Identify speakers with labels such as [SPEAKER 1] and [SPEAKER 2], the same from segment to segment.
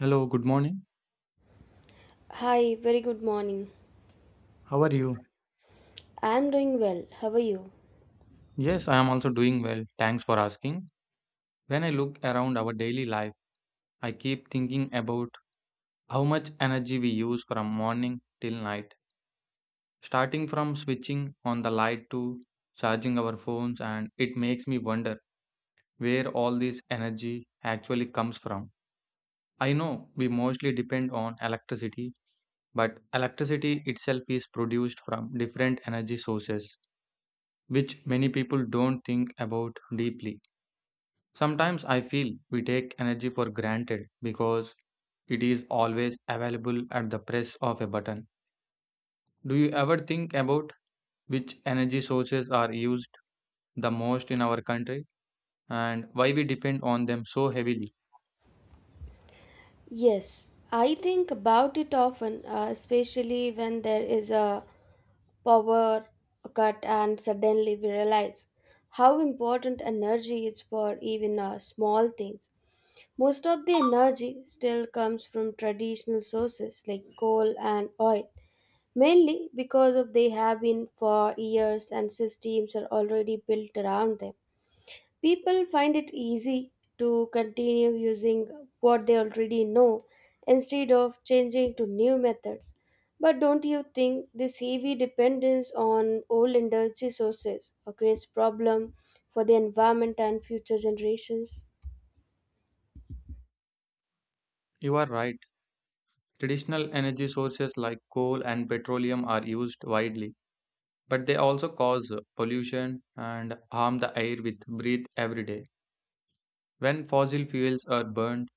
[SPEAKER 1] Hello, good morning.
[SPEAKER 2] Hi, very good morning.
[SPEAKER 1] How are you?
[SPEAKER 2] I'm doing well. How are you?
[SPEAKER 1] Yes, I am also doing well. Thanks for asking. When I look around our daily life, I keep thinking about how much energy we use from morning till night. Starting from switching on the light to charging our phones, and it makes me wonder where all this energy actually comes from. I know we mostly depend on electricity, but electricity itself is produced from different energy sources, which many people don't think about deeply. Sometimes I feel we take energy for granted because it is always available at the press of a button. Do you ever think about which energy sources are used the most in our country and why we depend on them so heavily?
[SPEAKER 2] Yes, I think about it often, especially when there is a power cut and suddenly we realize how important energy is for even small things. Most of the energy still comes from traditional sources like coal and oil, mainly because of they have been for years and systems are already built around them. People find it easy to continue using what they already know instead of changing to new methods. But don't you think this heavy dependence on old energy sources creates problem for the environment and future generations?
[SPEAKER 1] You are right. Traditional energy sources like coal and petroleum are used widely, but they also cause pollution and harm the air we breathe every day. When fossil fuels are burned,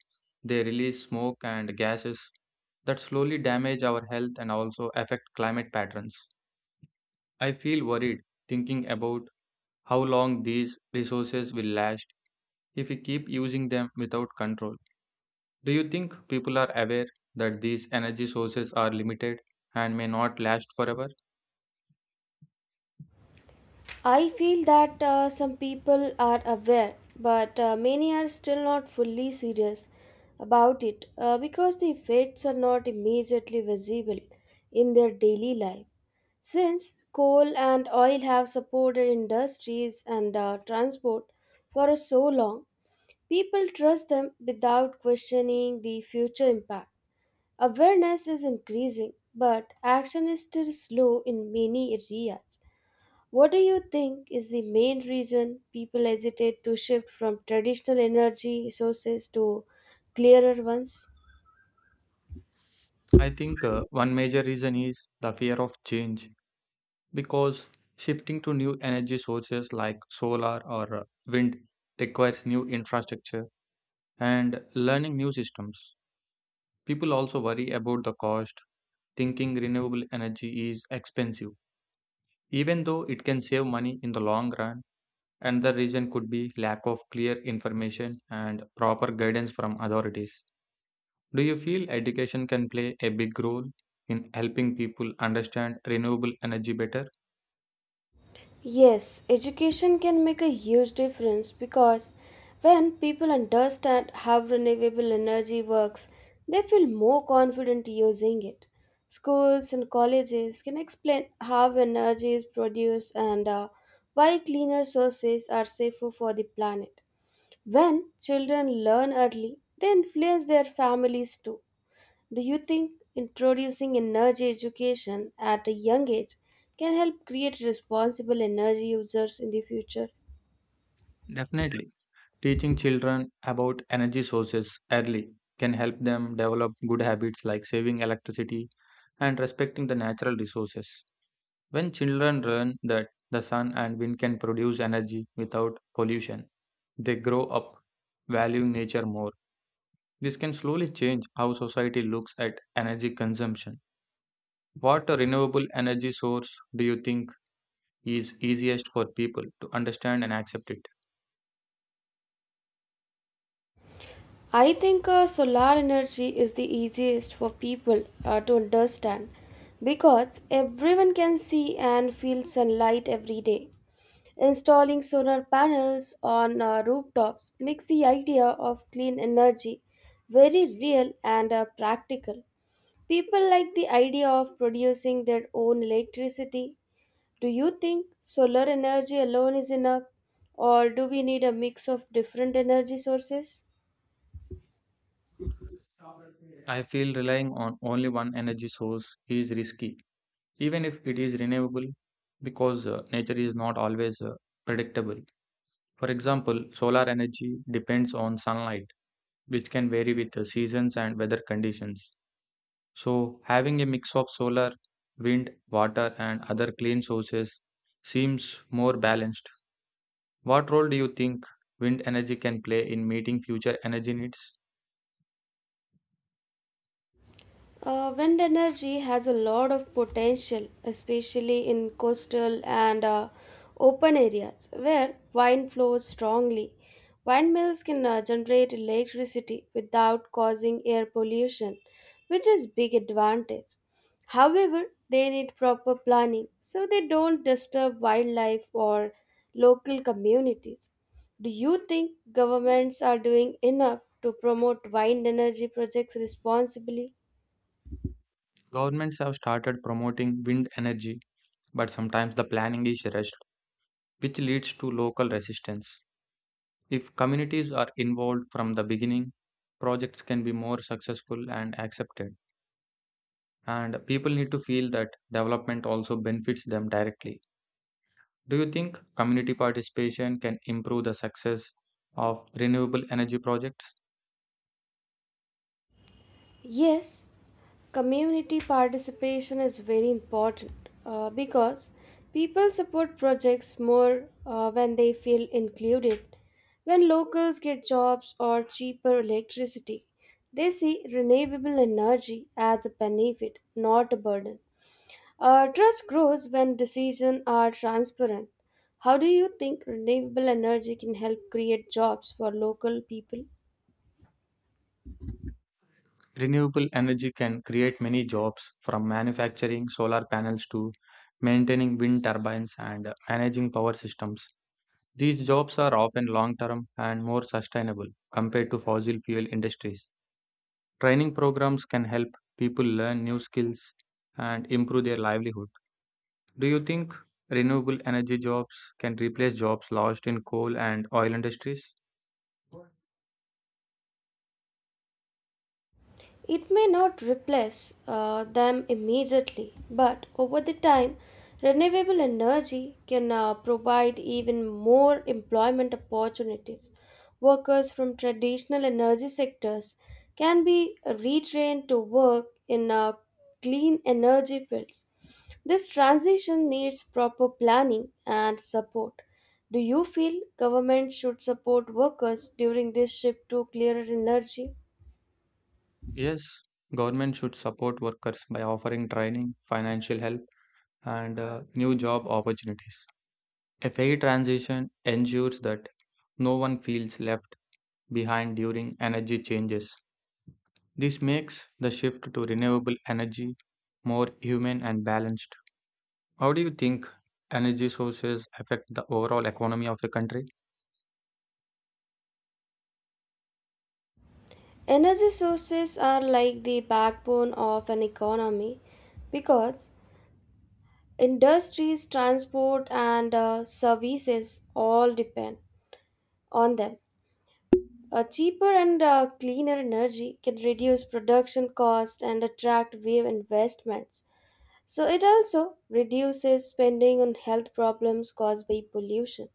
[SPEAKER 1] they release smoke and gases that slowly damage our health and also affect climate patterns. I feel worried thinking about how long these resources will last if we keep using them without control. Do you think people are aware that these energy sources are limited and may not last forever?
[SPEAKER 2] I feel that some people are aware, but many are still not fully serious about it because the effects are not immediately visible in their daily life. Since coal and oil have supported industries and transport for so long, people trust them without questioning the future impact. Awareness is increasing, but action is still slow in many areas. What do you think is the main reason people hesitate to shift from traditional energy sources to clearer ones?
[SPEAKER 1] I think one major reason is the fear of change. Because shifting to new energy sources like solar or wind requires new infrastructure and learning new systems. People also worry about the cost, thinking renewable energy is expensive, even though it can save money in the long run. Another reason could be lack of clear information and proper guidance from authorities. Do you feel education can play a big role in helping people understand renewable energy better?
[SPEAKER 2] Yes, education can make a huge difference because when people understand how renewable energy works, they feel more confident using it. Schools and colleges can explain how energy is produced and why cleaner sources are safer for the planet. When children learn early, they influence their families too. Do you think introducing energy education at a young age can help create responsible energy users in the future?
[SPEAKER 1] Definitely. Teaching children about energy sources early can help them develop good habits like saving electricity and respecting the natural resources. When children learn that the sun and wind can produce energy without pollution, they grow up valuing nature more. This can slowly change how society looks at energy consumption. What renewable energy source do you think is easiest for people to understand and accept it?
[SPEAKER 2] I think solar energy is the easiest for people to understand because everyone can see and feel sunlight every day. Installing solar panels on rooftops makes the idea of clean energy very real and practical. People like the idea of producing their own electricity. Do you think solar energy alone is enough, or do we need a mix of different energy sources?
[SPEAKER 1] I feel relying on only one energy source is risky even if it is renewable, because nature is not always predictable. For example, solar energy depends on sunlight, which can vary with the seasons and weather conditions. So, having a mix of solar, wind, water, and other clean sources seems more balanced. What role do you think wind energy can play in meeting future energy needs?
[SPEAKER 2] Wind energy has a lot of potential, especially in coastal and open areas where wind flows strongly. Windmills can generate electricity without causing air pollution, which is big advantage. However, they need proper planning so they don't disturb wildlife or local communities. Do you think governments are doing enough to promote wind energy projects responsibly?
[SPEAKER 1] Governments have started promoting wind energy, but sometimes the planning is rushed, which leads to local resistance. If communities are involved from the beginning, projects can be more successful and accepted. And people need to feel that development also benefits them directly. Do you think community participation can improve the success of renewable energy projects?
[SPEAKER 2] Yes, community participation is very important because people support projects more when they feel included. When locals get jobs or cheaper electricity, they see renewable energy as a benefit, not a burden. Trust grows when decisions are transparent. How do you think renewable energy can help create jobs for local people?
[SPEAKER 1] Renewable energy can create many jobs, from manufacturing solar panels to maintaining wind turbines and managing power systems. These jobs are often long term and more sustainable compared to fossil fuel industries. Training programs can help people learn new skills and improve their livelihood. Do you think renewable energy jobs can replace jobs lost in coal and oil industries?
[SPEAKER 2] It may not replace them immediately, but over the time, renewable energy can provide even more employment opportunities. Workers from traditional energy sectors can be retrained to work in clean energy fields. This transition needs proper planning and support. Do you feel government should support workers during this shift to clearer energy?
[SPEAKER 1] Yes, government should support workers by offering training, financial help, and new job opportunities. A fair transition ensures that no one feels left behind during energy changes. This makes the shift to renewable energy more human and balanced. How do you think energy sources affect the overall economy of a country?
[SPEAKER 2] Energy sources are like the backbone of an economy because industries, transport, and services all depend on them. A cheaper and cleaner energy can reduce production costs and attract wave investments. So, it also reduces spending on health problems caused by pollution.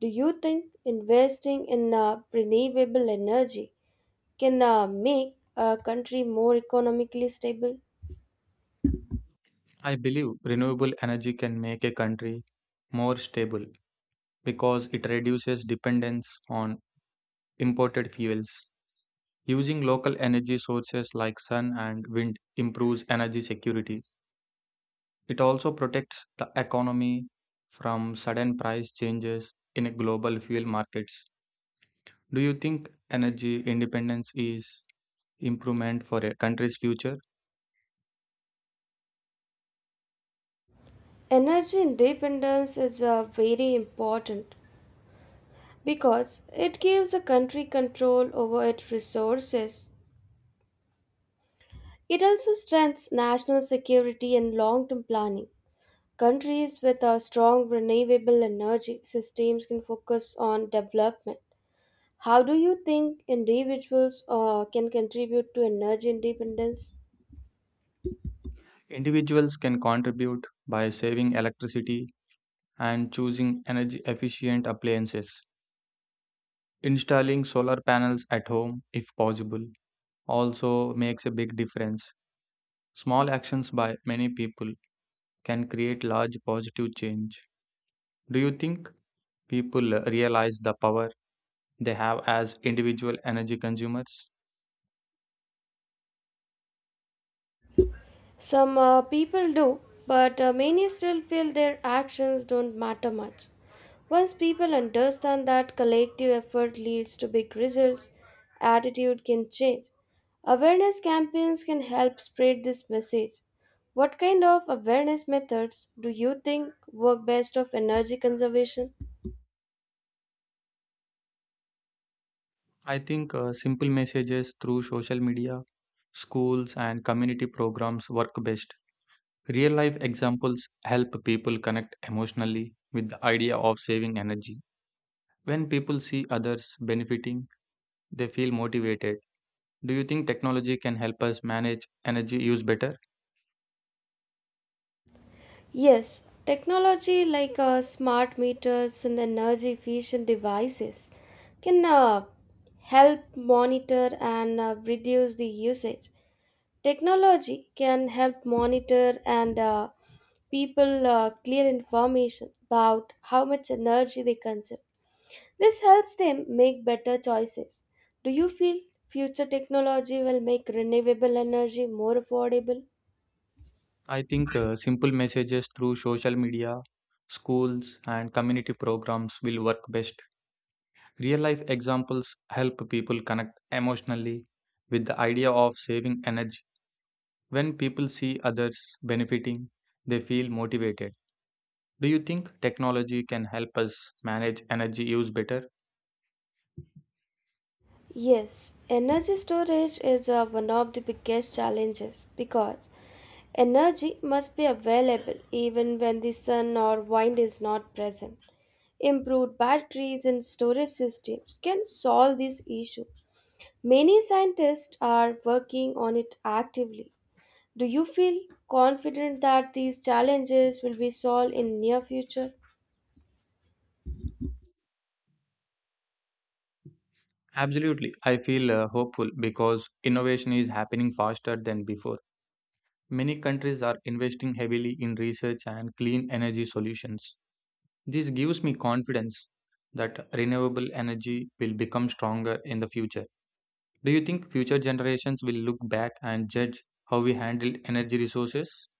[SPEAKER 2] Do you think investing in renewable energy can make a country more economically stable?
[SPEAKER 1] I believe renewable energy can make a country more stable because it reduces dependence on imported fuels. Using local energy sources like sun and wind improves energy security. It also protects the economy from sudden price changes in global fuel markets. Do you think energy independence is improvement for a country's future?
[SPEAKER 2] Energy independence is very important because it gives a country control over its resources. It also strengthens national security and long term planning. Countries with a strong renewable energy systems can focus on development. How do you think individuals can contribute to energy independence?
[SPEAKER 1] Individuals can contribute by saving electricity and choosing energy efficient appliances. Installing solar panels at home, if possible, also makes a big difference. Small actions by many people can create large positive change. Do you think people realize the power they have as individual energy consumers?
[SPEAKER 2] Some people do, but many still feel their actions don't matter much. Once people understand that collective effort leads to big results, attitude can change. Awareness campaigns can help spread this message. What kind of awareness methods do you think work best of energy conservation?
[SPEAKER 1] I think simple messages through social media, schools, and community programs work best. Real life examples help people connect emotionally with the idea of saving energy. When people see others benefiting, they feel motivated. Do you think technology can help us manage energy use better?
[SPEAKER 2] Yes, technology like smart meters and energy efficient devices can help monitor and reduce the usage. Technology can help monitor and people clear information about how much energy they consume. This helps them make better choices. Do you feel future technology will make renewable energy more affordable?
[SPEAKER 1] I think simple messages through social media, schools, and community programs will work best. Real life examples help people connect emotionally with the idea of saving energy. When people see others benefiting, they feel motivated. Do you think technology can help us manage energy use better?
[SPEAKER 2] Yes, energy storage is one of the biggest challenges because energy must be available even when the sun or wind is not present. Improved batteries and storage systems can solve this issue. Many scientists are working on it actively. Do you feel confident that these challenges will be solved in near future?
[SPEAKER 1] Absolutely. I feel hopeful because innovation is happening faster than before. Many countries are investing heavily in research and clean energy solutions. This gives me confidence that renewable energy will become stronger in the future. Do you think future generations will look back and judge how we handled energy resources?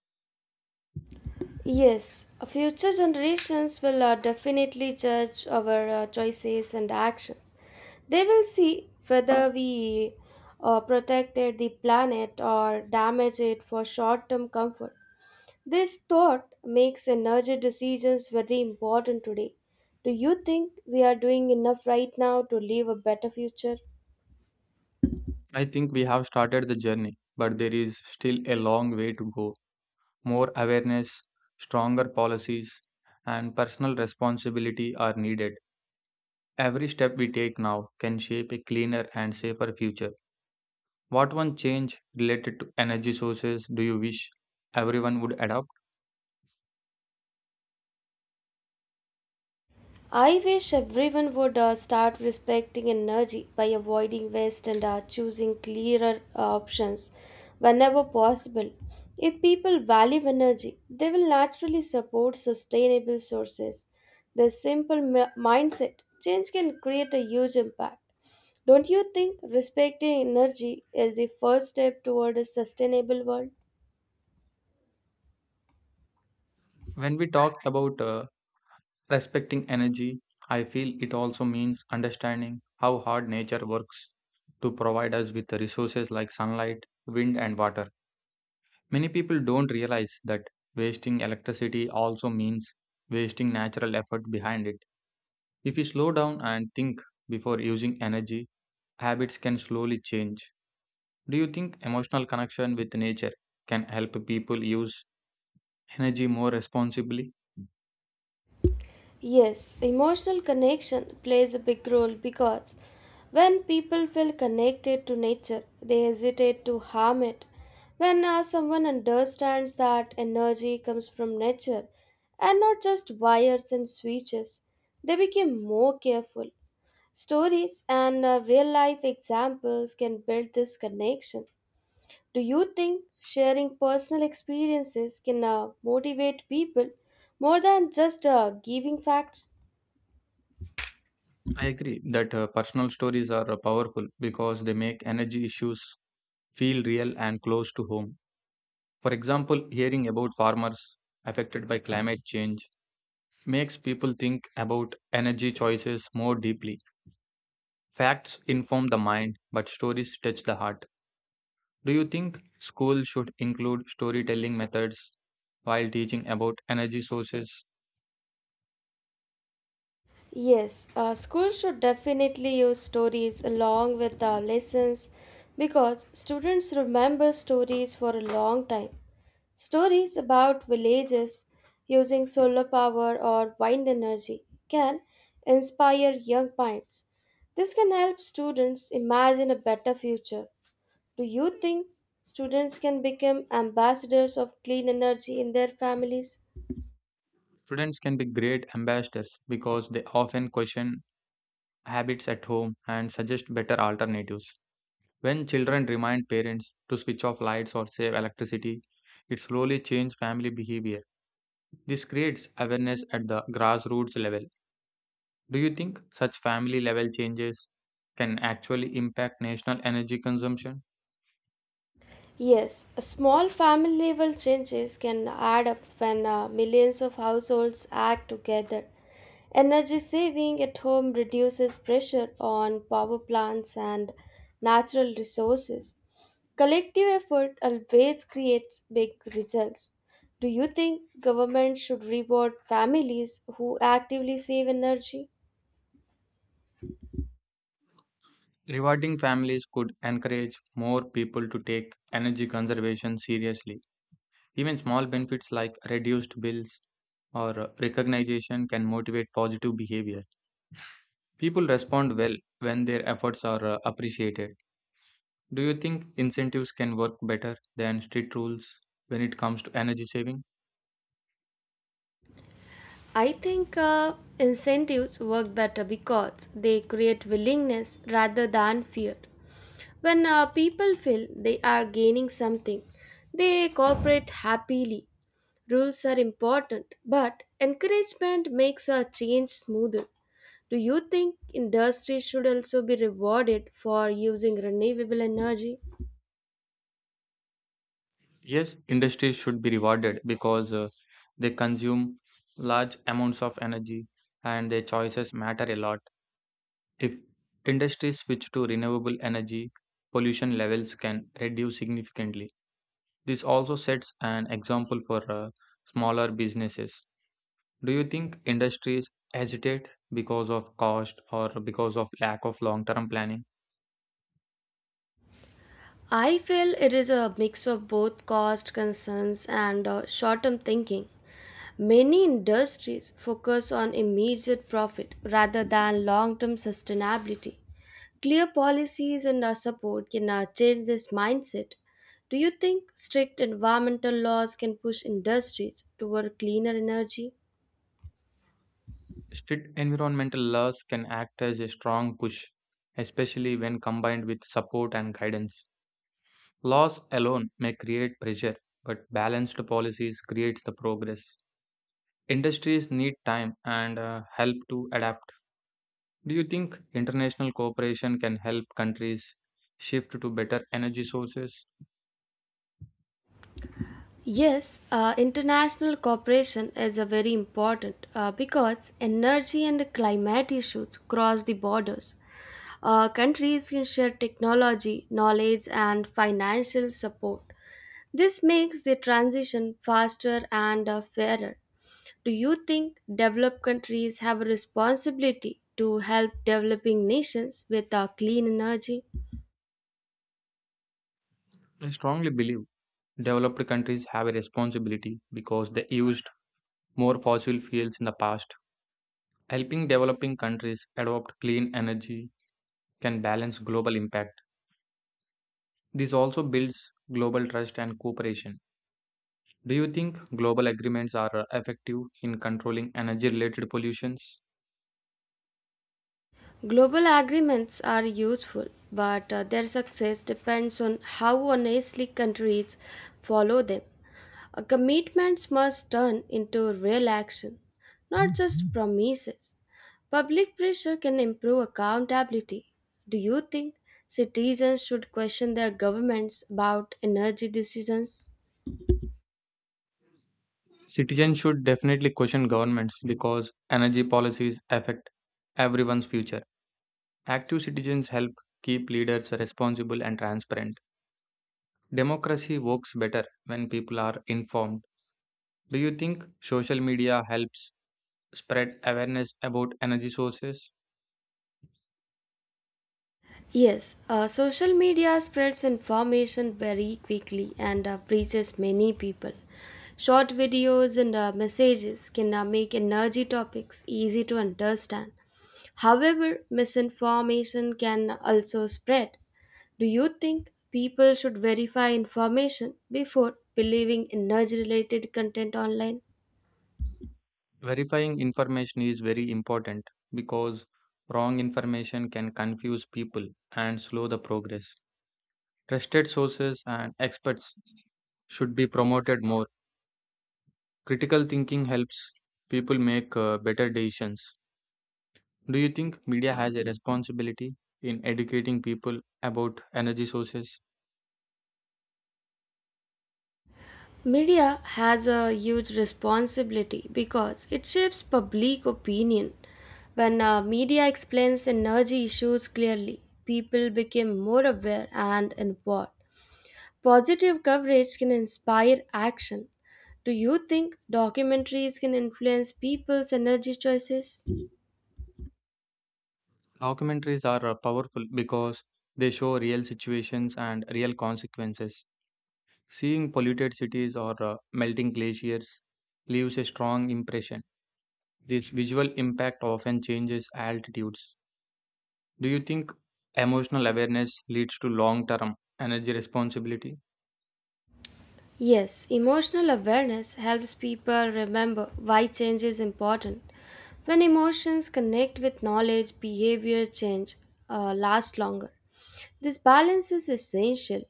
[SPEAKER 2] Yes, future generations will definitely judge our choices and actions. They will see whether we protected the planet or damage it for short term comfort. This thought makes energy decisions very important today. Do you think we are doing enough right now to leave a better future?
[SPEAKER 1] I think we have started the journey, but there is still a long way to go. More awareness, stronger policies, and personal responsibility are needed. Every step we take now can shape a cleaner and safer future. What one change related to energy sources do you wish everyone would adopt?
[SPEAKER 2] I wish everyone would start respecting energy by avoiding waste and choosing clearer options whenever possible. If people value energy, they will naturally support sustainable sources. This simple mindset change can create a huge impact. Don't you think respecting energy is the first step toward a sustainable world?
[SPEAKER 1] When we talk about respecting energy, I feel it also means understanding how hard nature works to provide us with the resources like sunlight, wind, and water. Many people don't realize that wasting electricity also means wasting natural effort behind it. If you slow down and think before using energy, habits can slowly change. Do you think emotional connection with nature can help people use energy more responsibly?
[SPEAKER 2] Yes, emotional connection plays a big role because when people feel connected to nature, they hesitate to harm it. When someone understands that energy comes from nature and not just wires and switches, they become more careful. Stories and real life examples can build this connection. Do you think sharing personal experiences can motivate people more than just giving facts?
[SPEAKER 1] I agree that personal stories are powerful because they make energy issues feel real and close to home. For example, hearing about farmers affected by climate change makes people think about energy choices more deeply. Facts inform the mind, but stories touch the heart. Do you think schools should include storytelling methods while teaching about energy sources?
[SPEAKER 2] Yes, schools should definitely use stories along with the lessons because students remember stories for a long time. Stories about villages using solar power or wind energy can inspire young minds. This can help students imagine a better future. Do you think students can become ambassadors of clean energy in their families?
[SPEAKER 1] Students can be great ambassadors because they often question habits at home and suggest better alternatives. When children remind parents to switch off lights or save electricity, it slowly changes family behavior. This creates awareness at the grassroots level. Do you think such family level changes can actually impact national energy consumption?
[SPEAKER 2] Yes, a small family level changes can add up when millions of households act together. Energy saving at home reduces pressure on power plants and natural resources. Collective effort always creates big results. Do you think government should reward families who actively save energy?
[SPEAKER 1] Rewarding families could encourage more people to take energy conservation seriously. Even small benefits like reduced bills or recognition can motivate positive behavior. People respond well when their efforts are appreciated. Do you think incentives can work better than strict rules when it comes to energy saving?
[SPEAKER 2] I think incentives work better because they create willingness rather than fear. When people feel they are gaining something, they cooperate happily. Rules are important, but encouragement makes a change smoother. Do you think industry should also be rewarded for using renewable energy?
[SPEAKER 1] Yes, industries should be rewarded because they consume large amounts of energy and their choices matter a lot. If industries switch to renewable energy, pollution levels can reduce significantly. This also sets an example for smaller businesses. Do you think industries hesitate because of cost or because of lack of long-term planning?
[SPEAKER 2] I feel it is a mix of both cost concerns and short term thinking. Many industries focus on immediate profit rather than long term sustainability. Clear policies and our support can change this mindset. Do you think strict environmental laws can push industries toward cleaner energy?
[SPEAKER 1] Strict environmental laws can act as a strong push, especially when combined with support and guidance. Laws alone may create pressure, but balanced policies creates the progress. Industries need time and help to adapt. Do you think international cooperation can help countries shift to better energy sources?
[SPEAKER 2] Yes, international cooperation is a very important because energy and climate issues cross the borders. Countries can share technology, knowledge, and financial support. This makes the transition faster and fairer. Do you think developed countries have a responsibility to help developing nations with clean energy?
[SPEAKER 1] I strongly believe developed countries have a responsibility because they used more fossil fuels in the past. Helping developing countries adopt clean energy can balance global impact. This also builds global trust and cooperation. Do you think global agreements are effective in controlling energy related pollutions?
[SPEAKER 2] Global agreements are useful, but their success depends on how honestly countries follow them. Commitments must turn into real action, not just promises. Public pressure can improve accountability. Do you think citizens should question their governments about energy decisions?
[SPEAKER 1] Citizens should definitely question governments because energy policies affect everyone's future. Active citizens help keep leaders responsible and transparent. Democracy works better when people are informed. Do you think social media helps spread awareness about energy sources?
[SPEAKER 2] Yes, social media spreads information very quickly and reaches many people. Short videos and messages can make energy topics easy to understand. However, misinformation can also spread. Do you think people should verify information before believing energy related content online?
[SPEAKER 1] Verifying information is very important because wrong information can confuse people and slow the progress. Trusted sources and experts should be promoted more. Critical thinking helps people make better decisions. Do you think media has a responsibility in educating people about energy sources?
[SPEAKER 2] Media has a huge responsibility because it shapes public opinion. When media explains energy issues clearly, people become more aware and involved. Positive coverage can inspire action. Do you think documentaries can influence people's energy choices?
[SPEAKER 1] Documentaries are powerful because they show real situations and real consequences. Seeing polluted cities or melting glaciers leaves a strong impression. This visual impact often changes altitudes. Do you think emotional awareness leads to long term energy responsibility?
[SPEAKER 2] Yes, emotional awareness helps people remember why change is important. When emotions connect with knowledge, behavior change lasts longer. This balance is essential.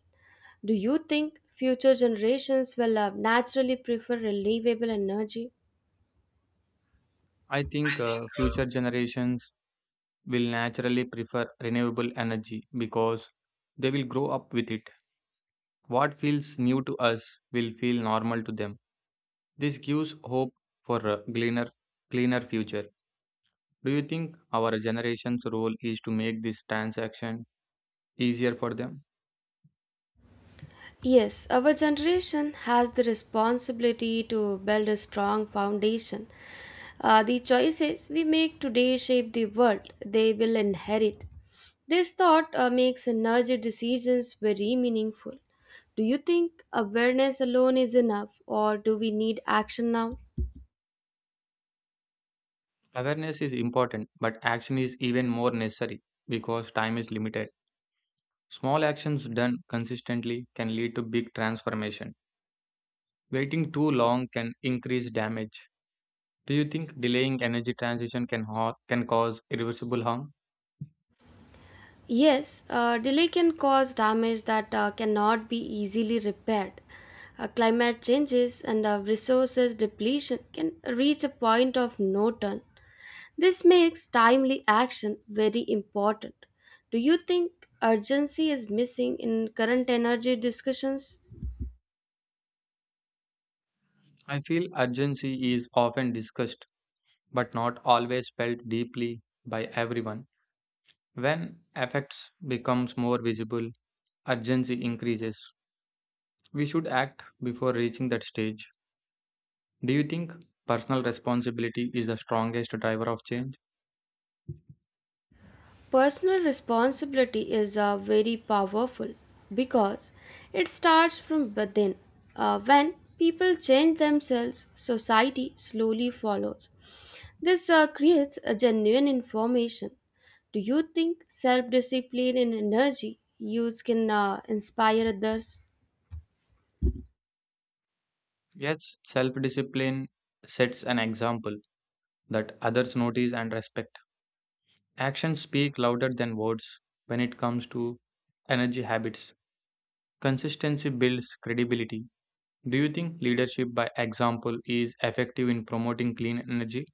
[SPEAKER 2] Do you think future generations will naturally prefer renewable energy?
[SPEAKER 1] I think future generations will naturally prefer renewable energy because they will grow up with it. What feels new to us will feel normal to them. This gives hope for a cleaner, cleaner future. Do you think our generation's role is to make this transaction easier for them?
[SPEAKER 2] Yes, our generation has the responsibility to build a strong foundation. The choices we make today shape the world they will inherit. This thought makes energy decisions very meaningful. Do you think awareness alone is enough, or do we need action now?
[SPEAKER 1] Awareness is important, but action is even more necessary because time is limited. Small actions done consistently can lead to big transformation. Waiting too long can increase damage. Do you think delaying energy transition can cause irreversible harm?
[SPEAKER 2] Yes, delay can cause damage that cannot be easily repaired. Climate changes and resources depletion can reach a point of no turn. This makes timely action very important. Do you think urgency is missing in current energy discussions?
[SPEAKER 1] I feel urgency is often discussed but not always felt deeply by everyone. When effects becomes more visible, urgency increases. We should act before reaching that stage. Do you think personal responsibility is the strongest driver of change?
[SPEAKER 2] Personal responsibility is very powerful because it starts from within. When people change themselves, society slowly follows. This creates a genuine information. Do you think self discipline and energy use can inspire others?
[SPEAKER 1] Yes, self discipline sets an example that others notice and respect. Actions speak louder than words when it comes to energy habits. Consistency builds credibility. Do you think leadership by example is effective in promoting clean energy?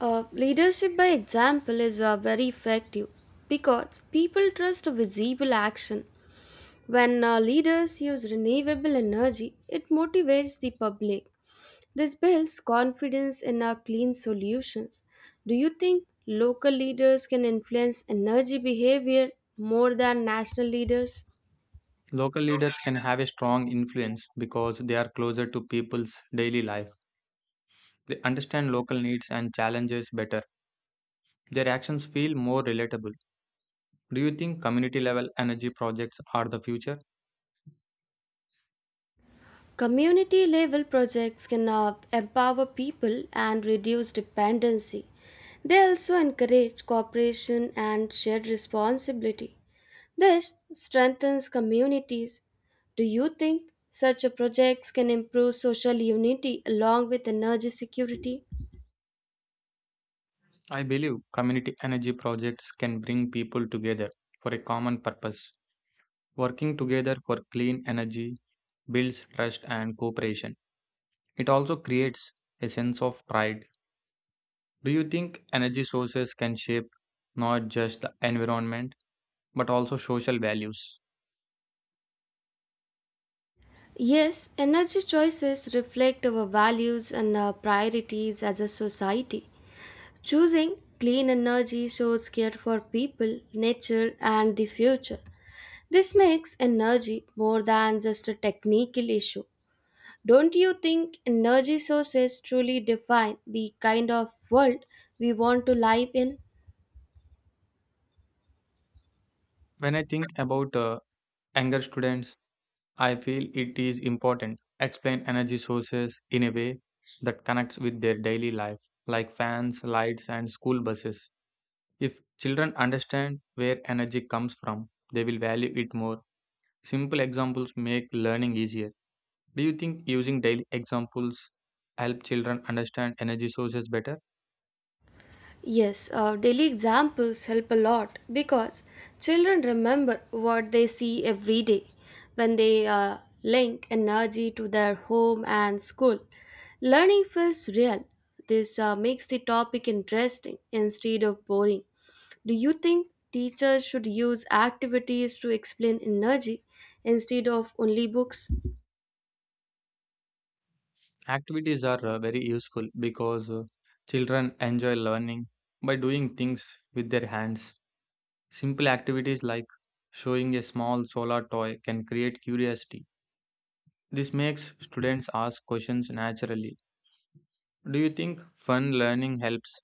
[SPEAKER 2] Leadership by example is very effective because people trust visible action. When leaders use renewable energy, it motivates the public. This builds confidence in our clean solutions. Do you think local leaders can influence energy behavior more than national leaders?
[SPEAKER 1] Local leaders can have a strong influence because they are closer to people's daily life. They understand local needs and challenges better. Their actions feel more relatable. Do you think community level energy projects are the future?
[SPEAKER 2] Community level projects can empower people and reduce dependency. They also encourage cooperation and shared responsibility. This strengthens communities. Do you think such a projects can improve social unity along with energy security?
[SPEAKER 1] I believe community energy projects can bring people together for a common purpose. Working together for clean energy builds trust and cooperation. It also creates a sense of pride. Do you think energy sources can shape not just the environment, but also social values?
[SPEAKER 2] Yes, energy choices reflect our values and our priorities as a society. Choosing clean energy shows care for people, nature, and the future. This makes energy more than just a technical issue. Don't you think energy sources truly define the kind of world we want to live in?
[SPEAKER 1] When I think about anger students, I feel it is important explain energy sources in a way that connects with their daily life, like fans, lights, and school buses. If children understand where energy comes from, they will value it more. Simple examples make learning easier. Do you think using daily examples help children understand energy sources better?
[SPEAKER 2] Yes, daily examples help a lot because children remember what they see every day when they link energy to their home and school. Learning feels real. This makes the topic interesting instead of boring. Do you think teachers should use activities to explain energy instead of only books?
[SPEAKER 1] Activities are very useful because children enjoy learning by doing things with their hands. Simple activities like showing a small solar toy can create curiosity. This makes students ask questions naturally. Do you think fun learning helps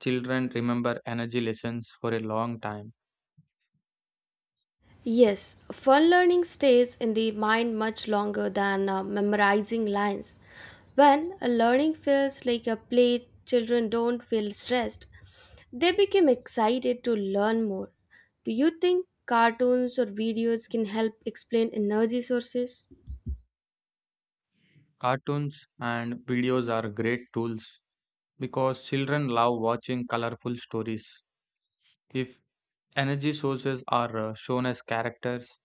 [SPEAKER 1] children remember energy lessons for a long time?
[SPEAKER 2] Yes, fun learning stays in the mind much longer than memorizing lines. When a learning feels like a play, children don't feel stressed. They become excited to learn more. Do you think cartoons or videos can help explain energy sources?
[SPEAKER 1] Cartoons and videos are great tools because children love watching colorful stories. If energy sources are shown as characters,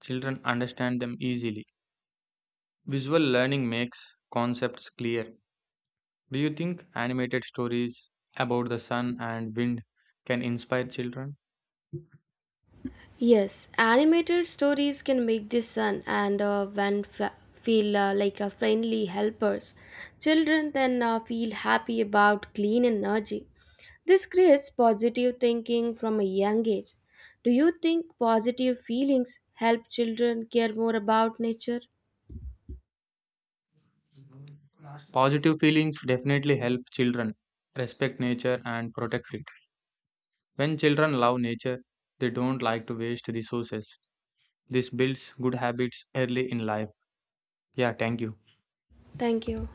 [SPEAKER 1] children understand them easily. Visual learning makes concepts clear. Do you think animated stories about the sun and wind can inspire children?
[SPEAKER 2] Yes, animated stories can make the sun and feel like a friendly helpers. Children then feel happy about clean energy. This creates positive thinking from a young age. Do you think positive feelings help children care more about nature?
[SPEAKER 1] Positive feelings definitely help children respect nature and protect it. When children love nature, they don't like to waste resources. This builds good habits early in life. Yeah, thank you.
[SPEAKER 2] Thank you.